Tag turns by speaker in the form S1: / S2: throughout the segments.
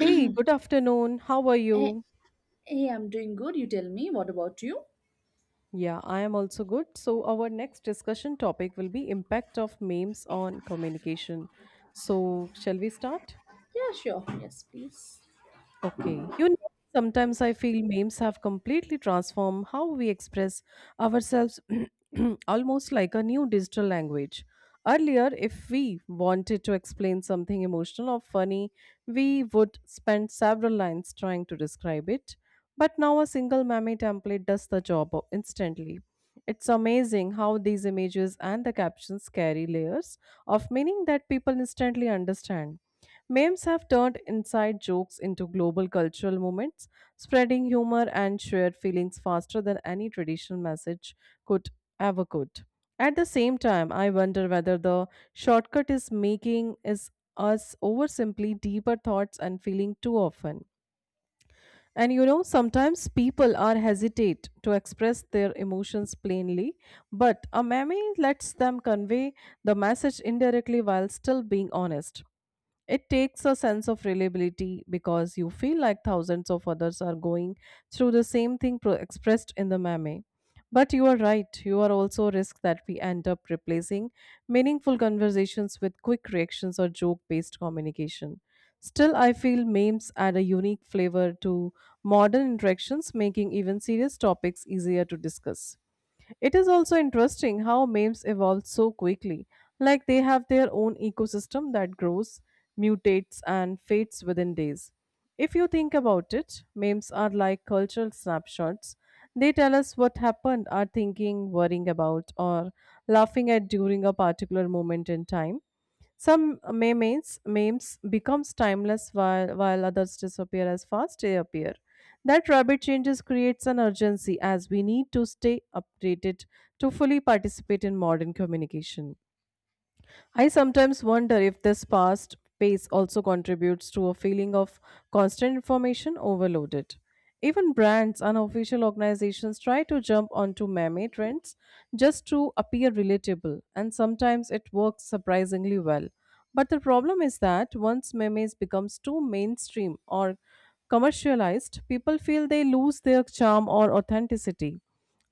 S1: Hey, good afternoon. How are
S2: Hey,
S1: you?
S2: hey, I'm doing good. You tell me, what about you?
S1: Yeah, I am also good. So our next discussion topic will be impact of memes on communication. So shall we start?
S2: Yeah, sure. Yes, please.
S1: Okay. You know, sometimes I feel memes have completely transformed how we express ourselves almost like a new digital language. Earlier, if we wanted to explain something emotional or funny, we would spend several lines trying to describe it. But now a single meme template does the job instantly. It's amazing how these images and the captions carry layers of meaning that people instantly understand. Memes have turned inside jokes into global cultural moments, spreading humor and shared feelings faster than any traditional message could ever could. At the same time, I wonder whether the shortcut is making is us over simply deeper thoughts and feeling too often. And you know, sometimes people are hesitate to express their emotions plainly, but a meme lets them convey the message indirectly while still being honest. It takes a sense of reliability because you feel like thousands of others are going through the same thing expressed in the meme. But you are right, you are also risk that we end up replacing meaningful conversations with quick reactions or joke based communication. Still, I feel memes add a unique flavor to modern interactions, making even serious topics easier to discuss. It is also interesting how memes evolve so quickly, like they have their own ecosystem that grows, mutates, and fades within days. If you think about it, memes are like cultural snapshots. They tell us what happened, are thinking, worrying about, or laughing at during a particular moment in time. Some memes becomes timeless while others disappear as fast they appear. That rapid changes creates an urgency as we need to stay updated to fully participate in modern communication. I sometimes wonder if this fast pace also contributes to a feeling of constant information overloaded. Even brands and official organizations try to jump onto meme trends just to appear relatable, and sometimes it works surprisingly well. But the problem is that once memes becomes too mainstream or commercialized, people feel they lose their charm or authenticity.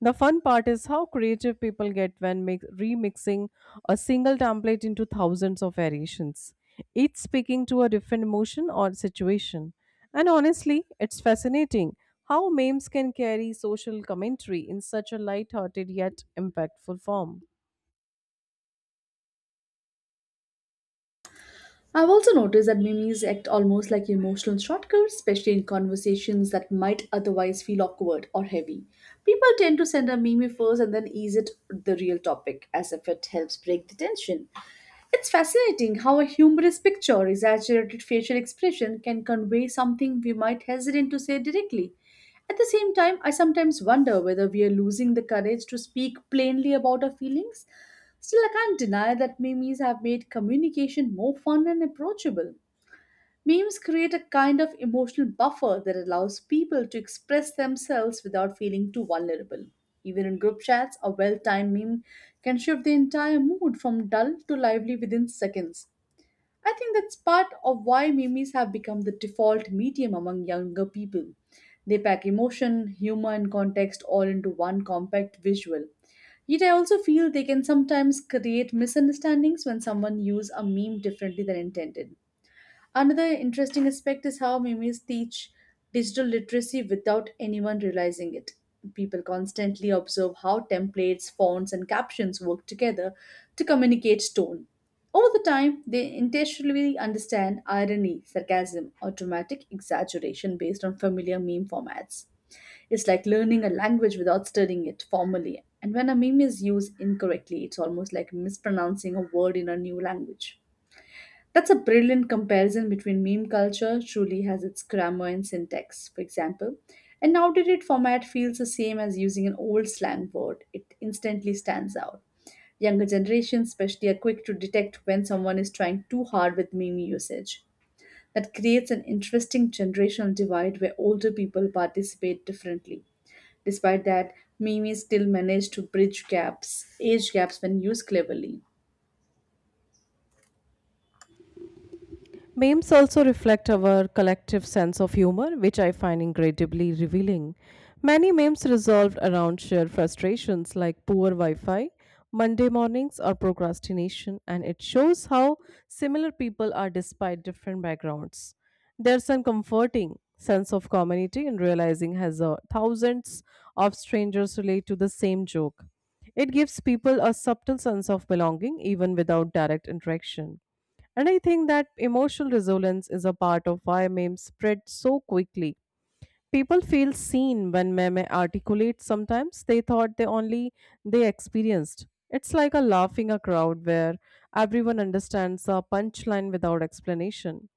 S1: The fun part is how creative people get when remixing a single template into thousands of variations, each speaking to a different emotion or situation. And honestly, it's fascinating how memes can carry social commentary in such a light-hearted yet impactful form.
S2: I've also noticed that memes act almost like emotional shortcuts, especially in conversations that might otherwise feel awkward or heavy. People tend to send a meme first and then ease it the real topic, as if it helps break the tension. It's fascinating how a humorous picture or exaggerated facial expression can convey something we might hesitate to say directly. At the same time, I sometimes wonder whether we are losing the courage to speak plainly about our feelings. Still, I can't deny that memes have made communication more fun and approachable. Memes create a kind of emotional buffer that allows people to express themselves without feeling too vulnerable. Even in group chats, a well timed meme can shift the entire mood from dull to lively within seconds. I think that's part of why memes have become the default medium among younger people. They pack emotion, humor, and context all into one compact visual. Yet, I also feel they can sometimes create misunderstandings when someone uses a meme differently than intended. Another interesting aspect is how memes teach digital literacy without anyone realizing it. People constantly observe how templates, fonts, and captions work together to communicate tone. Over the time, they intentionally understand irony, sarcasm, automatic exaggeration based on familiar meme formats. It's like learning a language without studying it formally. And when a meme is used incorrectly, it's almost like mispronouncing a word in a new language. That's a brilliant comparison between meme culture, truly has its grammar and syntax, for example. An outdated format feels the same as using an old slang word, it instantly stands out. Younger generations, especially, are quick to detect when someone is trying too hard with meme usage. That creates an interesting generational divide where older people participate differently. Despite that, memes still manage to bridge gaps, age gaps when used cleverly.
S1: Memes also reflect our collective sense of humor, which I find incredibly revealing. Many memes resolved around shared frustrations like poor Wi Fi, Monday mornings, or procrastination, and it shows how similar people are despite different backgrounds. There's some comforting sense of community in realizing as thousands of strangers relate to the same joke. It gives people a subtle sense of belonging even without direct interaction. And I think that emotional resonance is a part of why memes spread so quickly. People feel seen when meme articulate. Sometimes they thought they only they experienced. It's like a laughing a crowd where everyone understands a punchline without explanation.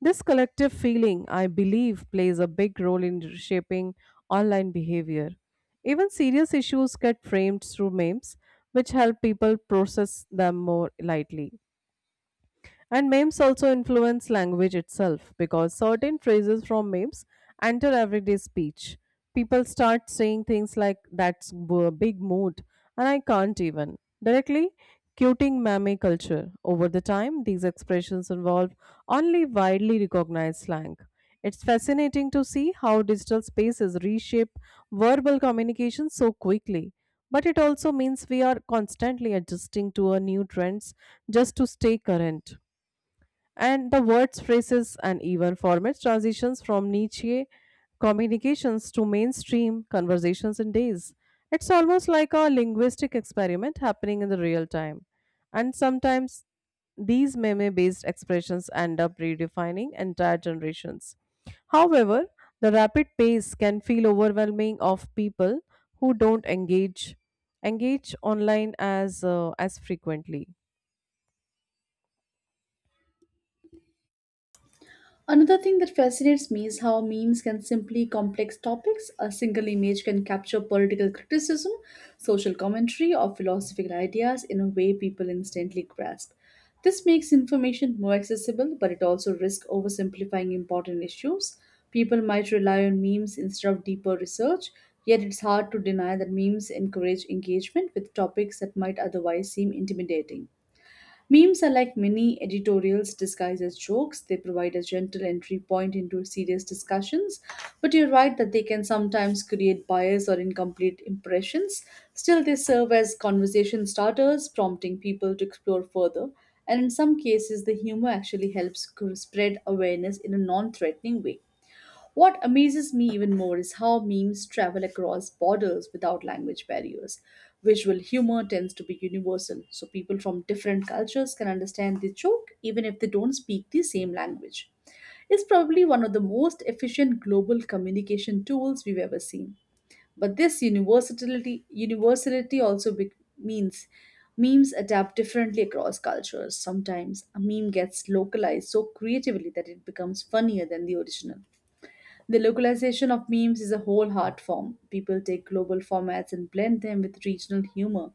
S1: This collective feeling, I believe, plays a big role in shaping online behavior. Even serious issues get framed through memes, which help people process them more lightly. And memes also influence language itself because certain phrases from memes enter everyday speech. People start saying things like, that's a big mood, and I can't even, directly quoting meme culture. Over the time, these expressions involve only widely recognized slang. It's fascinating to see how digital spaces reshape verbal communication so quickly. But it also means we are constantly adjusting to our new trends just to stay current. And the words, phrases, and even formats transitions from niche communications to mainstream conversations in days. It's almost like a linguistic experiment happening in the real time. And sometimes these meme based expressions end up redefining entire generations. However, the rapid pace can feel overwhelming of people who don't engage online as frequently.
S2: Another thing that fascinates me is how memes can simply complex topics. A single image can capture political criticism, social commentary, or philosophical ideas in a way people instantly grasp. This makes information more accessible, but it also risks oversimplifying important issues. People might rely on memes instead of deeper research, yet it's hard to deny that memes encourage engagement with topics that might otherwise seem intimidating. Memes are like mini editorials disguised as jokes. They provide a gentle entry point into serious discussions, but you're right that they can sometimes create bias or incomplete impressions. Still, they serve as conversation starters, prompting people to explore further. And in some cases, the humor actually helps spread awareness in a non threatening way. What amazes me even more is how memes travel across borders without language barriers. Visual humor tends to be universal, so people from different cultures can understand the joke even if they don't speak the same language. It's probably one of the most efficient global communication tools we've ever seen. But this universality means memes adapt differently across cultures. Sometimes a meme gets localized so creatively that it becomes funnier than the original. The localization of memes is a whole art form. People take global formats and blend them with regional humor,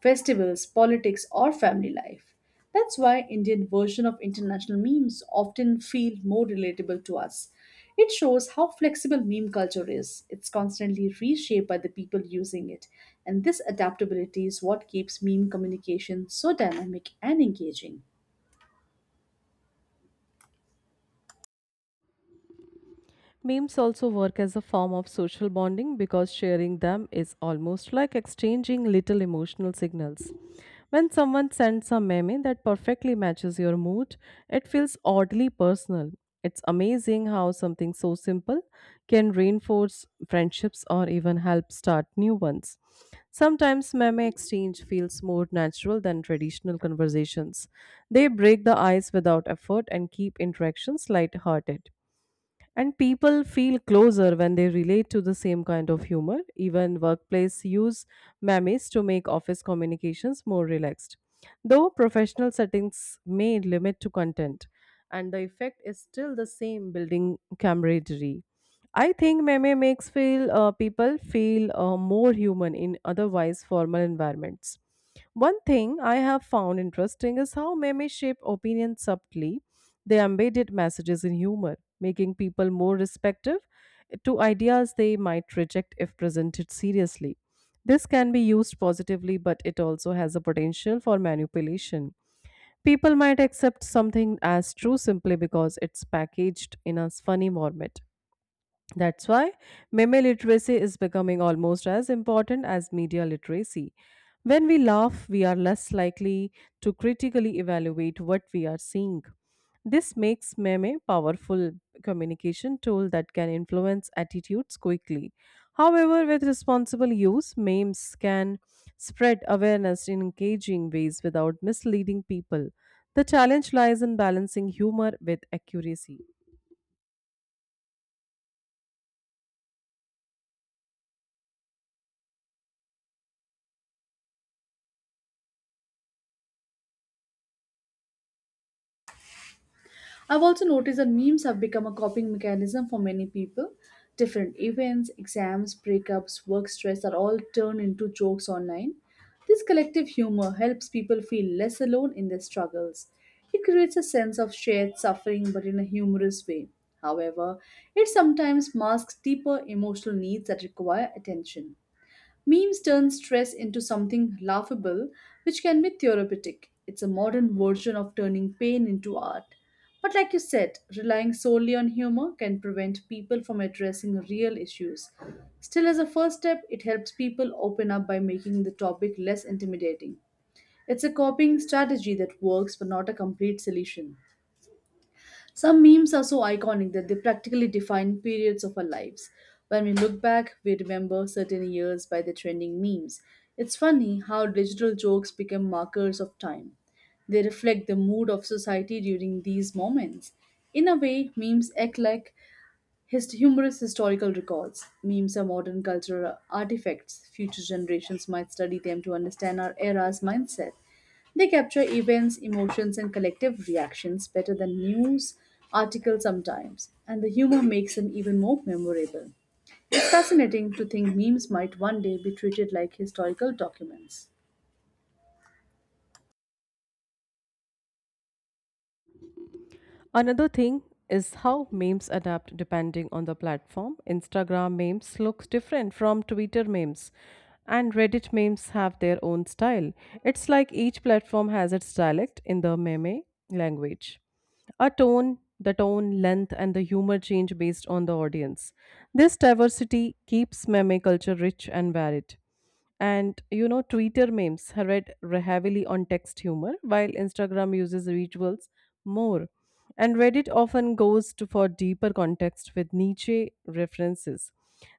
S2: festivals, politics, or family life. That's why Indian version of international memes often feel more relatable to us. It shows how flexible meme culture is. It's constantly reshaped by the people using it, and this adaptability is what keeps meme communication so dynamic and engaging.
S1: Memes also work as a form of social bonding because sharing them is almost like exchanging little emotional signals. When someone sends a meme that perfectly matches your mood, it feels oddly personal. It's amazing how something so simple can reinforce friendships or even help start new ones. Sometimes meme exchange feels more natural than traditional conversations. They break the ice without effort and keep interactions lighthearted. And people feel closer when they relate to the same kind of humor. Even workplace use memes to make office communications more relaxed. Though professional settings may limit to content, and the effect is still the same building camaraderie. I think meme makes feel people feel more human in otherwise formal environments. One thing I have found interesting is how memes shape opinions subtly they embedded messages in humor, making people more respective to ideas they might reject if presented seriously. This can be used positively, but it also has a potential for manipulation. People might accept something as true simply because it's packaged in a funny format. That's why meme literacy is becoming almost as important as media literacy. When we laugh, we are less likely to critically evaluate what we are seeing. This makes meme a powerful communication tool that can influence attitudes quickly. However, with responsible use, memes can spread awareness in engaging ways without misleading people. The challenge lies in balancing humor with accuracy.
S2: I've also noticed that memes have become a coping mechanism for many people. Different events, exams, breakups, work stress are all turned into jokes online. This collective humor helps people feel less alone in their struggles. It creates a sense of shared suffering but in a humorous way. However, it sometimes masks deeper emotional needs that require attention. Memes turn stress into something laughable, which can be therapeutic. It's a modern version of turning pain into art. But like you said, relying solely on humor can prevent people from addressing real issues. Still, as a first step, it helps people open up by making the topic less intimidating. It's a coping strategy that works but not a complete solution. Some memes are so iconic that they practically define periods of our lives. When we look back, we remember certain years by the trending memes. It's funny how digital jokes become markers of time. They reflect the mood of society during these moments. In a way, memes act like his humorous historical records, memes are modern cultural artifacts. Future generations might study them to understand our era's mindset. They capture events, emotions, and collective reactions better than news articles sometimes, and the humor makes them even more memorable. It's fascinating to think memes might one day be treated like historical documents.
S1: Another thing is how memes adapt depending on the platform. Instagram memes looks different from Twitter memes and Reddit memes have their own style. It's like each platform has its dialect in the meme language. The tone, length and the humor change based on the audience. This diversity keeps meme culture rich and varied. And you know, Twitter memes are heavily on text humor, while Instagram uses visuals more. And Reddit often goes to for deeper context with niche references.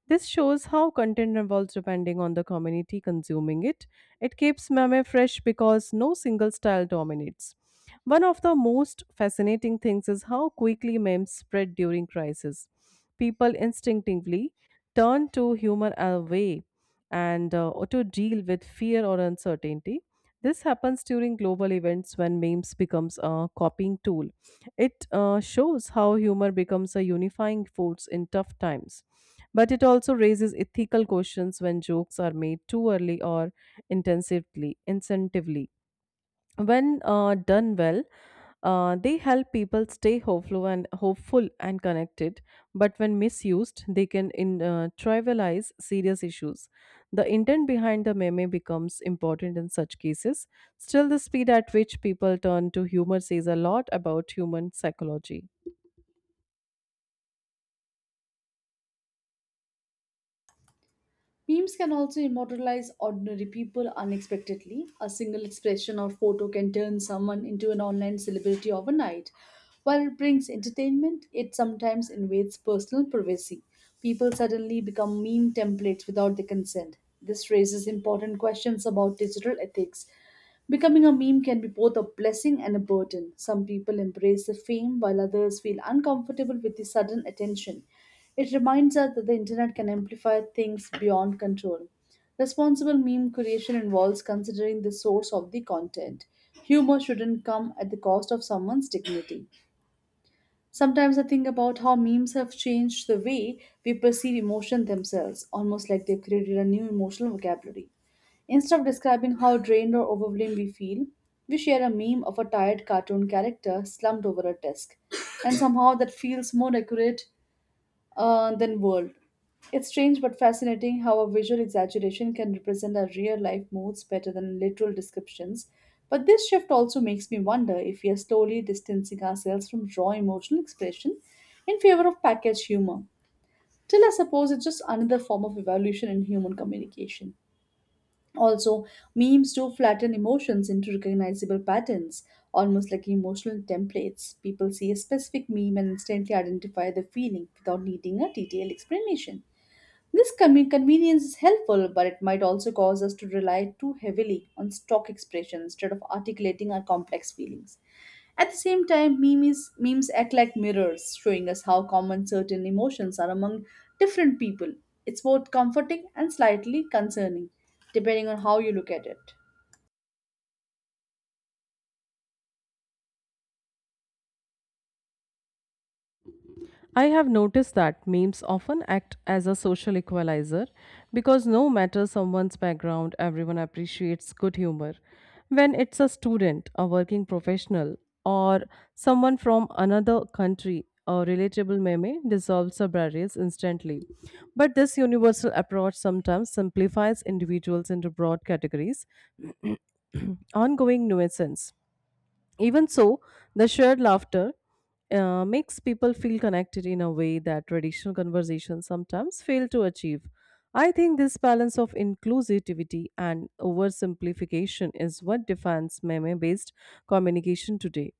S1: This shows how content evolves depending on the community consuming it. It keeps meme fresh because no single style dominates. One of the most fascinating things is how quickly memes spread during crisis. People instinctively turn to humor as a way and to deal with fear or uncertainty. This happens during global events when memes becomes a copying tool. It shows how humor becomes a unifying force in tough times. But it also raises ethical questions when jokes are made too early or incentively when done well they help people stay hopeful and connected, but when misused they can trivialize serious issues. The intent behind the meme becomes important in such cases. Still, the speed at which people turn to humor says a lot about human psychology.
S2: Memes can also immortalize ordinary people unexpectedly. A single expression or photo can turn someone into an online celebrity overnight. While it brings entertainment, it sometimes invades personal privacy. People suddenly become meme templates without their consent. This raises important questions about digital ethics. Becoming a meme can be both a blessing and a burden. Some people embrace the fame while others feel uncomfortable with the sudden attention. It reminds us that the internet can amplify things beyond control. Responsible meme creation involves considering the source of the content. Humor shouldn't come at the cost of someone's dignity. Sometimes I think about how memes have changed the way we perceive emotion themselves, almost like they've created a new emotional vocabulary. Instead of describing how drained or overwhelmed we feel, we share a meme of a tired cartoon character slumped over a desk, and somehow that feels more accurate than world. It's strange but fascinating how a visual exaggeration can represent our real life moods better than literal descriptions. But this shift also makes me wonder if we are slowly distancing ourselves from raw emotional expression in favor of packaged humor. Still, I suppose it's just another form of evolution in human communication. Also, memes do flatten emotions into recognizable patterns, almost like emotional templates. People see a specific meme and instantly identify the feeling without needing a detailed explanation. This convenience is helpful, but it might also cause us to rely too heavily on stock expressions instead of articulating our complex feelings. At the same time, memes act like mirrors, showing us how common certain emotions are among different people. It's both comforting and slightly concerning, depending on how you look at it.
S1: I have noticed that memes often act as a social equalizer because no matter someone's background, everyone appreciates good humor. When it's a student, a working professional, or someone from another country, a relatable meme dissolves the barriers instantly. But this universal approach sometimes simplifies individuals into broad categories, ongoing nuisance. Even so, the shared laughter makes people feel connected in a way that traditional conversations sometimes fail to achieve. I think this balance of inclusivity and oversimplification is what defines meme based communication today.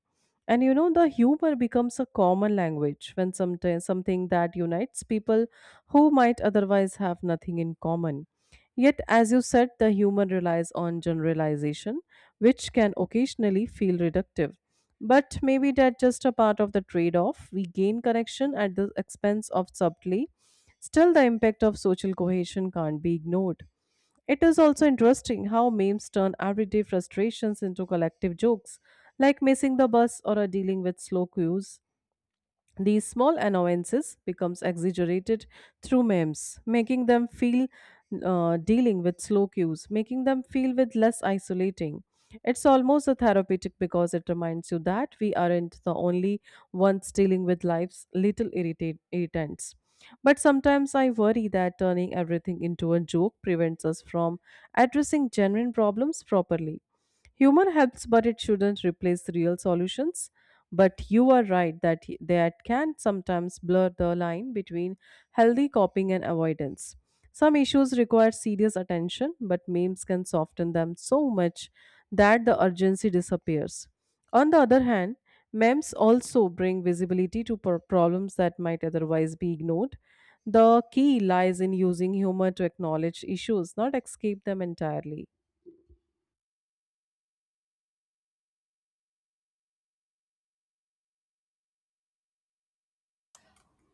S1: And you know, the humor becomes a common language when sometimes something that unites people who might otherwise have nothing in common. Yet, as you said, the humor relies on generalization which can occasionally feel reductive. But maybe that's just a part of the trade off. We gain connection at the expense of subtlety. Still, the impact of social cohesion can't be ignored. It is also interesting how memes turn everyday frustrations into collective jokes, like missing the bus or a dealing with slow queues. These small annoyances becomes exaggerated through memes, making them feel dealing with slow cues, making them feel with less isolating. It's almost a therapeutic because it reminds you that we aren't the only ones dealing with life's little irritants. But sometimes I worry that turning everything into a joke prevents us from addressing genuine problems properly. Humor helps, but it shouldn't replace real solutions. But you are right that can sometimes blur the line between healthy coping and avoidance. Some issues require serious attention, but memes can soften them so much that the urgency disappears. On the other hand, memes also bring visibility to problems that might otherwise be ignored. The key lies in using humor to acknowledge issues, not escape them entirely.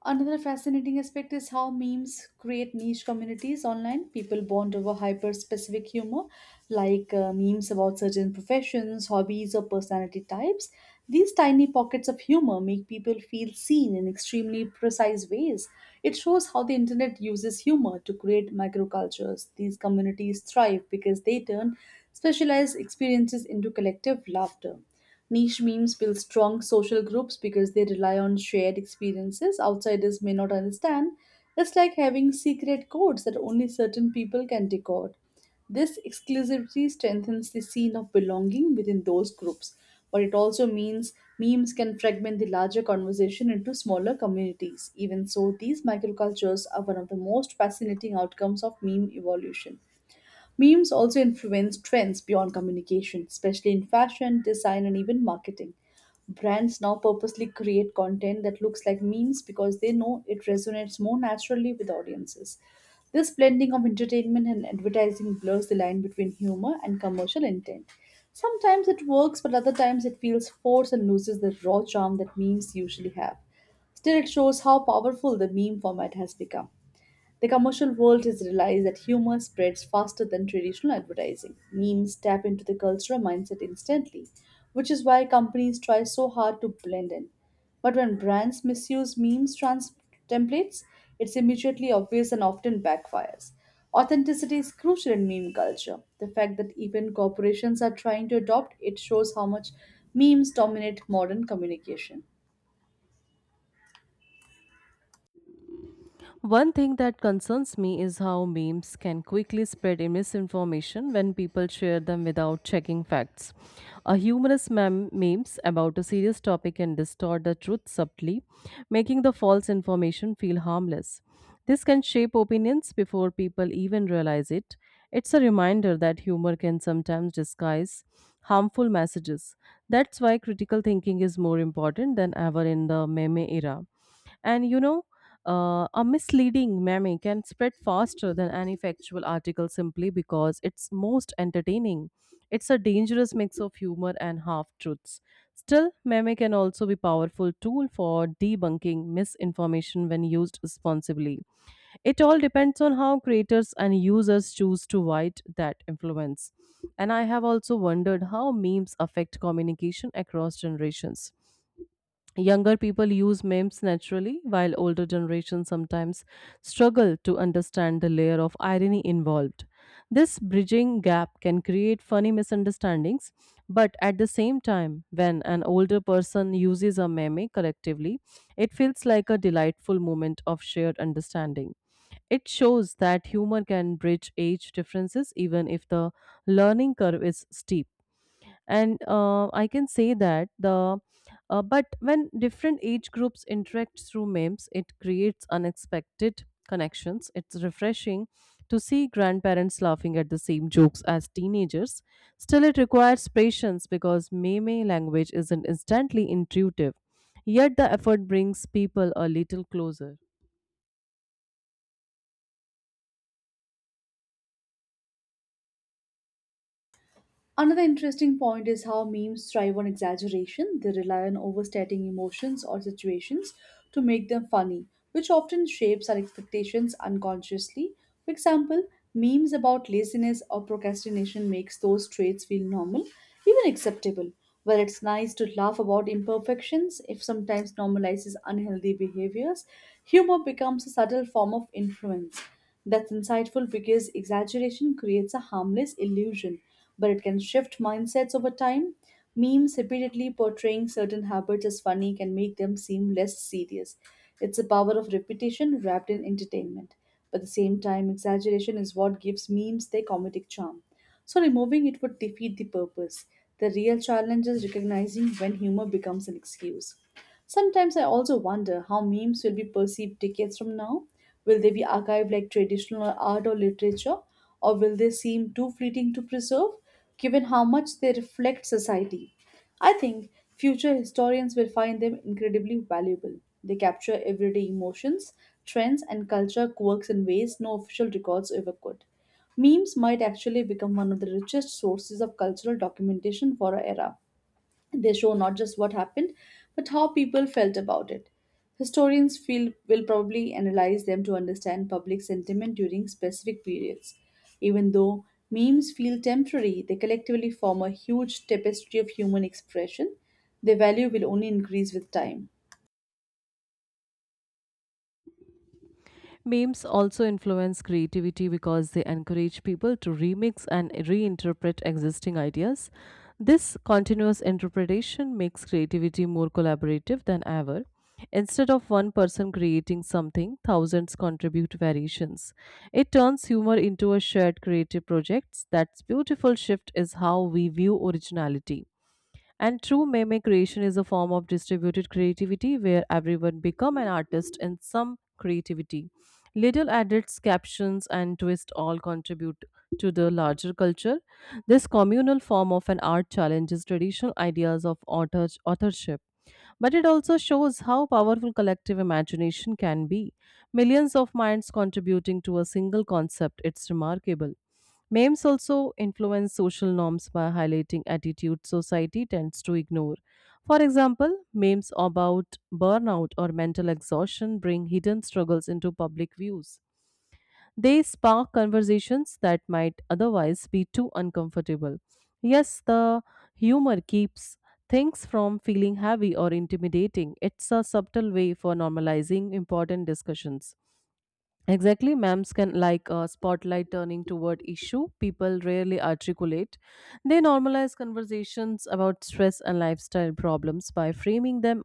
S2: Another fascinating aspect is how memes create niche communities online. People bond over hyper specific humor, like memes about certain professions, hobbies, or personality types. These tiny pockets of humor make people feel seen in extremely precise ways. It shows how the internet uses humor to create microcultures. These communities thrive because they turn specialized experiences into collective laughter. Niche memes build strong social groups because they rely on shared experiences outsiders may not understand. It's like having secret codes that only certain people can decode. This exclusivity strengthens the scene of belonging within those groups, but it also means memes can fragment the larger conversation into smaller communities. Even so, these microcultures are one of the most fascinating outcomes of meme evolution. Memes also influence trends beyond communication, especially in fashion, design, and even marketing. Brands now purposely create content that looks like memes because they know it resonates more naturally with audiences. This blending of entertainment and advertising blurs the line between humor and commercial intent. Sometimes it works, but other times it feels forced and loses the raw charm that memes usually have. Still, it shows how powerful the meme format has become. The commercial world has realized that humor spreads faster than traditional advertising. Memes tap into the cultural mindset instantly, which is why companies try so hard to blend in. But when brands misuse templates, it's immediately obvious and often backfires. Authenticity is crucial in meme culture. The fact that even corporations are trying to adopt it shows how much memes dominate modern communication.
S1: One thing that concerns me is how memes can quickly spread in misinformation when people share them without checking facts. A humorous memes about a serious topic can distort the truth subtly, making the false information feel harmless. This can shape opinions before people even realize it. It's a reminder that humor can sometimes disguise harmful messages. That's why critical thinking is more important than ever in the meme era. And you know, a misleading meme can spread faster than any factual article simply because it's most entertaining. It's a dangerous mix of humor and half truths. Still, meme can also be powerful tool for debunking misinformation when used responsibly. It all depends on how creators and users choose to wield that influence. And I have also wondered how memes affect communication across generations. Younger people use memes naturally, while older generations sometimes struggle to understand the layer of irony involved. This bridging gap can create funny misunderstandings, but at the same time, when an older person uses a meme collectively, it feels like a delightful moment of shared understanding. It shows that humor can bridge age differences even if the learning curve is steep and I can say that the but when different age groups interact through memes, it creates unexpected connections. It's refreshing to see grandparents laughing at the same jokes as teenagers. Still, it requires patience because meme language isn't instantly intuitive, yet the effort brings people a little closer.
S2: Another interesting point is how memes thrive on exaggeration. They rely on overstating emotions or situations to make them funny, which often shapes our expectations unconsciously. For example, memes about laziness or procrastination makes those traits feel normal, even acceptable. While it's nice to laugh about imperfections, if sometimes normalizes unhealthy behaviors, humor becomes a subtle form of influence. That's insightful because exaggeration creates a harmless illusion but it can shift mindsets over time. Memes repeatedly portraying certain habits as funny can make them seem less serious. It's the power of repetition wrapped in entertainment. But at the same time, exaggeration is what gives memes their comedic charm. So removing it would defeat the purpose. The real challenge is recognizing when humor becomes an excuse. Sometimes I also wonder how memes will be perceived decades from now. Will they be archived like traditional art or literature, or will they seem too fleeting to preserve, given how much they reflect society? I think future historians will find them incredibly valuable. They capture everyday emotions, trends, and culture quirks in ways no official records ever could. Memes might actually become one of the richest sources of cultural documentation for our era. They show not just what happened, but how people felt about it. Historians feel will probably analyze them to understand public sentiment during specific periods. Even though memes feel temporary, they collectively form a huge tapestry of human expression. Their value will only increase with time.
S1: Memes also influence creativity because they encourage people to remix and reinterpret existing ideas. This continuous interpretation makes creativity more collaborative than ever. Instead of one person creating something, thousands contribute variations. It turns humor into a shared creative project. That's beautiful shift is how we view originality. And true meme creation is a form of distributed creativity where everyone become an artist in some creativity. Little edits, captions, and twist all contribute to the larger culture. This communal form of an art challenges traditional ideas of authorship, but it also shows how powerful collective imagination can be. Millions of minds contributing to a single concept, it's remarkable. Memes also influence social norms by highlighting attitudes society tends to ignore. For example, memes about burnout or mental exhaustion bring hidden struggles into public views. They spark conversations that might otherwise be too uncomfortable. Yes, the humor keeps things from feeling heavy or intimidating. It's a subtle way for normalizing important discussions. Exactly, MAMS can like a spotlight turning toward issue people rarely articulate. They normalize conversations about stress and lifestyle problems by framing them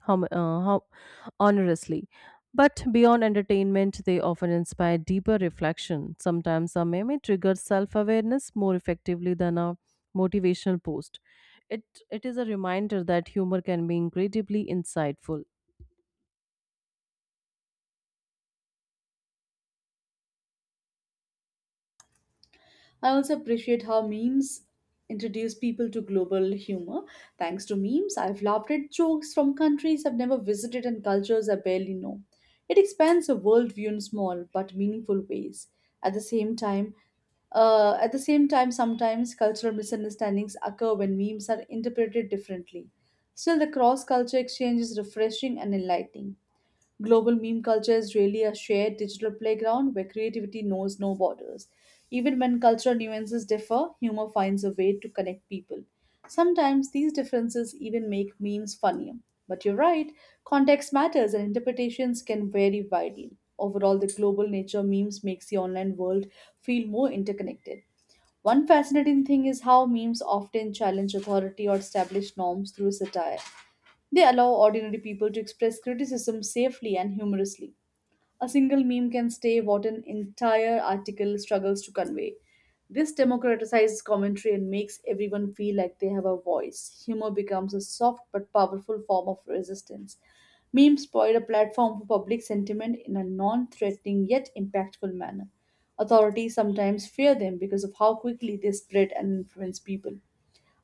S1: hum- uh, hum- honestly. But beyond entertainment, they often inspire deeper reflection. Sometimes a meme triggers self-awareness more effectively than a motivational post. It it is a reminder that humor can be incredibly insightful.
S2: I also appreciate how memes introduce people to global humor. Thanks to memes, I've laughed at jokes from countries I've never visited and cultures I barely know. It expands a worldview in small but meaningful ways. At the same time, at the same time, sometimes cultural misunderstandings occur when memes are interpreted differently. Still, the cross culture exchange is refreshing and enlightening. Global meme culture is really a shared digital playground where creativity knows no borders. Even when cultural nuances differ, humor finds a way to connect people. Sometimes these differences even make memes funnier. But you're right, context matters and interpretations can vary widely. Overall, the global nature of memes makes the online world feel more interconnected. One fascinating thing is how memes often challenge authority or establish norms through satire. They allow ordinary people to express criticism safely and humorously. A single meme can stay what an entire article struggles to convey. This democratizes commentary and makes everyone feel like they have a voice. Humor becomes a soft but powerful form of resistance. Memes provide a platform for public sentiment in a non threatening yet impactful manner. Authorities sometimes fear them because of how quickly they spread and influence people.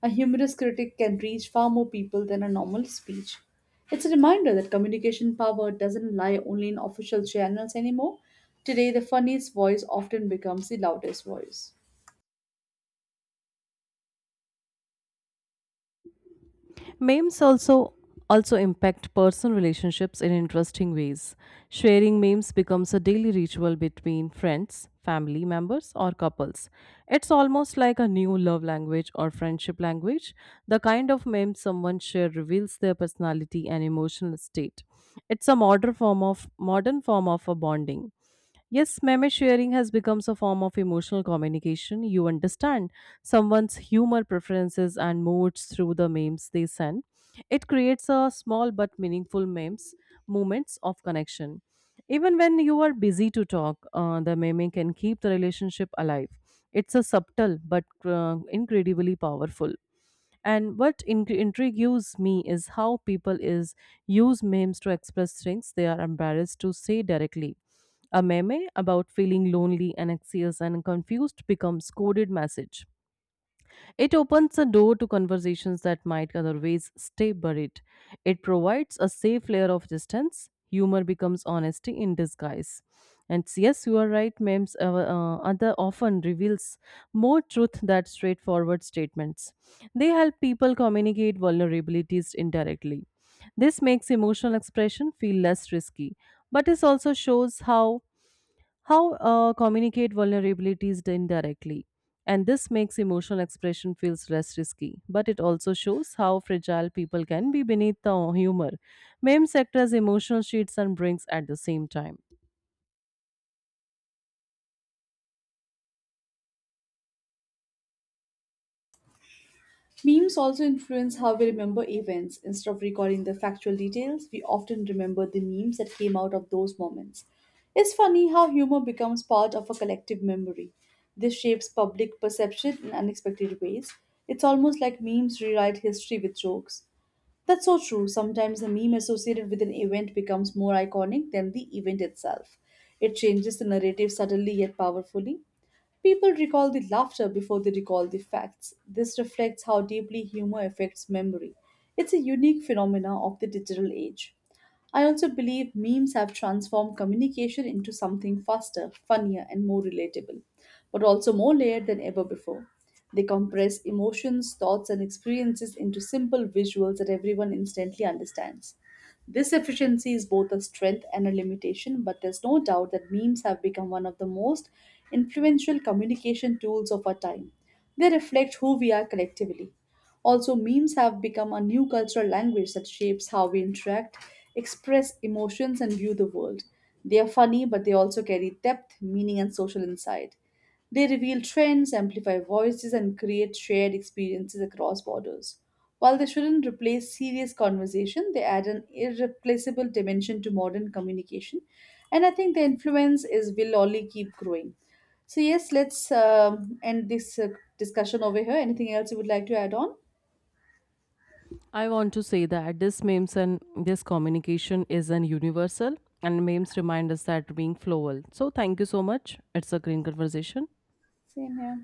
S2: A humorous critic can reach far more people than a normal speech. It's a reminder that communication power doesn't lie only in official channels anymore. Today, the funniest voice often becomes the loudest voice.
S1: Memes also impact personal relationships in interesting ways. Sharing memes becomes a daily ritual between friends, family members, or couples. It's almost like a new love language or friendship language. The kind of meme someone shares reveals their personality and emotional state. It's a modern form of a bonding. Yes, meme sharing has become a form of emotional communication. You understand someone's humor preferences and moods through the memes they send. It creates a small but meaningful memes moments of connection. Even when you are busy to talk, the meme can keep the relationship alive. It's a subtle but incredibly powerful. And what intrigues me is how people is use memes to express things they are embarrassed to say directly. A meme about feeling lonely and anxious and confused becomes coded message. It opens a door to conversations that might otherwise stay buried. It provides a safe layer of distance. Humor becomes honesty in disguise. And yes, you are right, memes other often reveals more truth than straightforward statements. They help people communicate vulnerabilities indirectly. This makes emotional expression feel less risky, but it also shows how communicate vulnerabilities indirectly, and this makes emotional expression feels less risky, but it also shows how fragile people can be beneath the humor. Meme sector's emotional sheets and brings at the same time,
S2: Memes also influence how we remember events. Instead of recalling the factual details, we often remember the memes that came out of those moments. It's funny how humor becomes part of a collective memory. This shapes public perception in unexpected ways. It's almost like memes rewrite history with jokes. That's so true. Sometimes the meme associated with an event becomes more iconic than the event itself. It changes the narrative subtly yet powerfully. People recall the laughter before they recall the facts. This reflects how deeply humor affects memory. It's a unique phenomena of the digital age. I also believe memes have transformed communication into something faster, funnier, and more relatable, but also more layered than ever before. They compress emotions, thoughts, and experiences into simple visuals that everyone instantly understands. This efficiency is both a strength and a limitation, but there's no doubt that memes have become one of the most influential communication tools of our time. They reflect who we are collectively. Also, memes have become a new cultural language that shapes how we interact, express emotions, and view the world. They are funny, but they also carry depth, meaning, and social insight. They reveal trends, amplify voices, and create shared experiences across borders. While they shouldn't replace serious conversation, they add an irreplaceable dimension to modern communication. And I think their influence is will only keep growing. So yes, let's end this discussion over here. Anything else you would like to add on?
S1: I want to say that this memes and this communication is an universal, and memes remind us that being flowable. So thank you so much, it's a green conversation.
S2: Same here.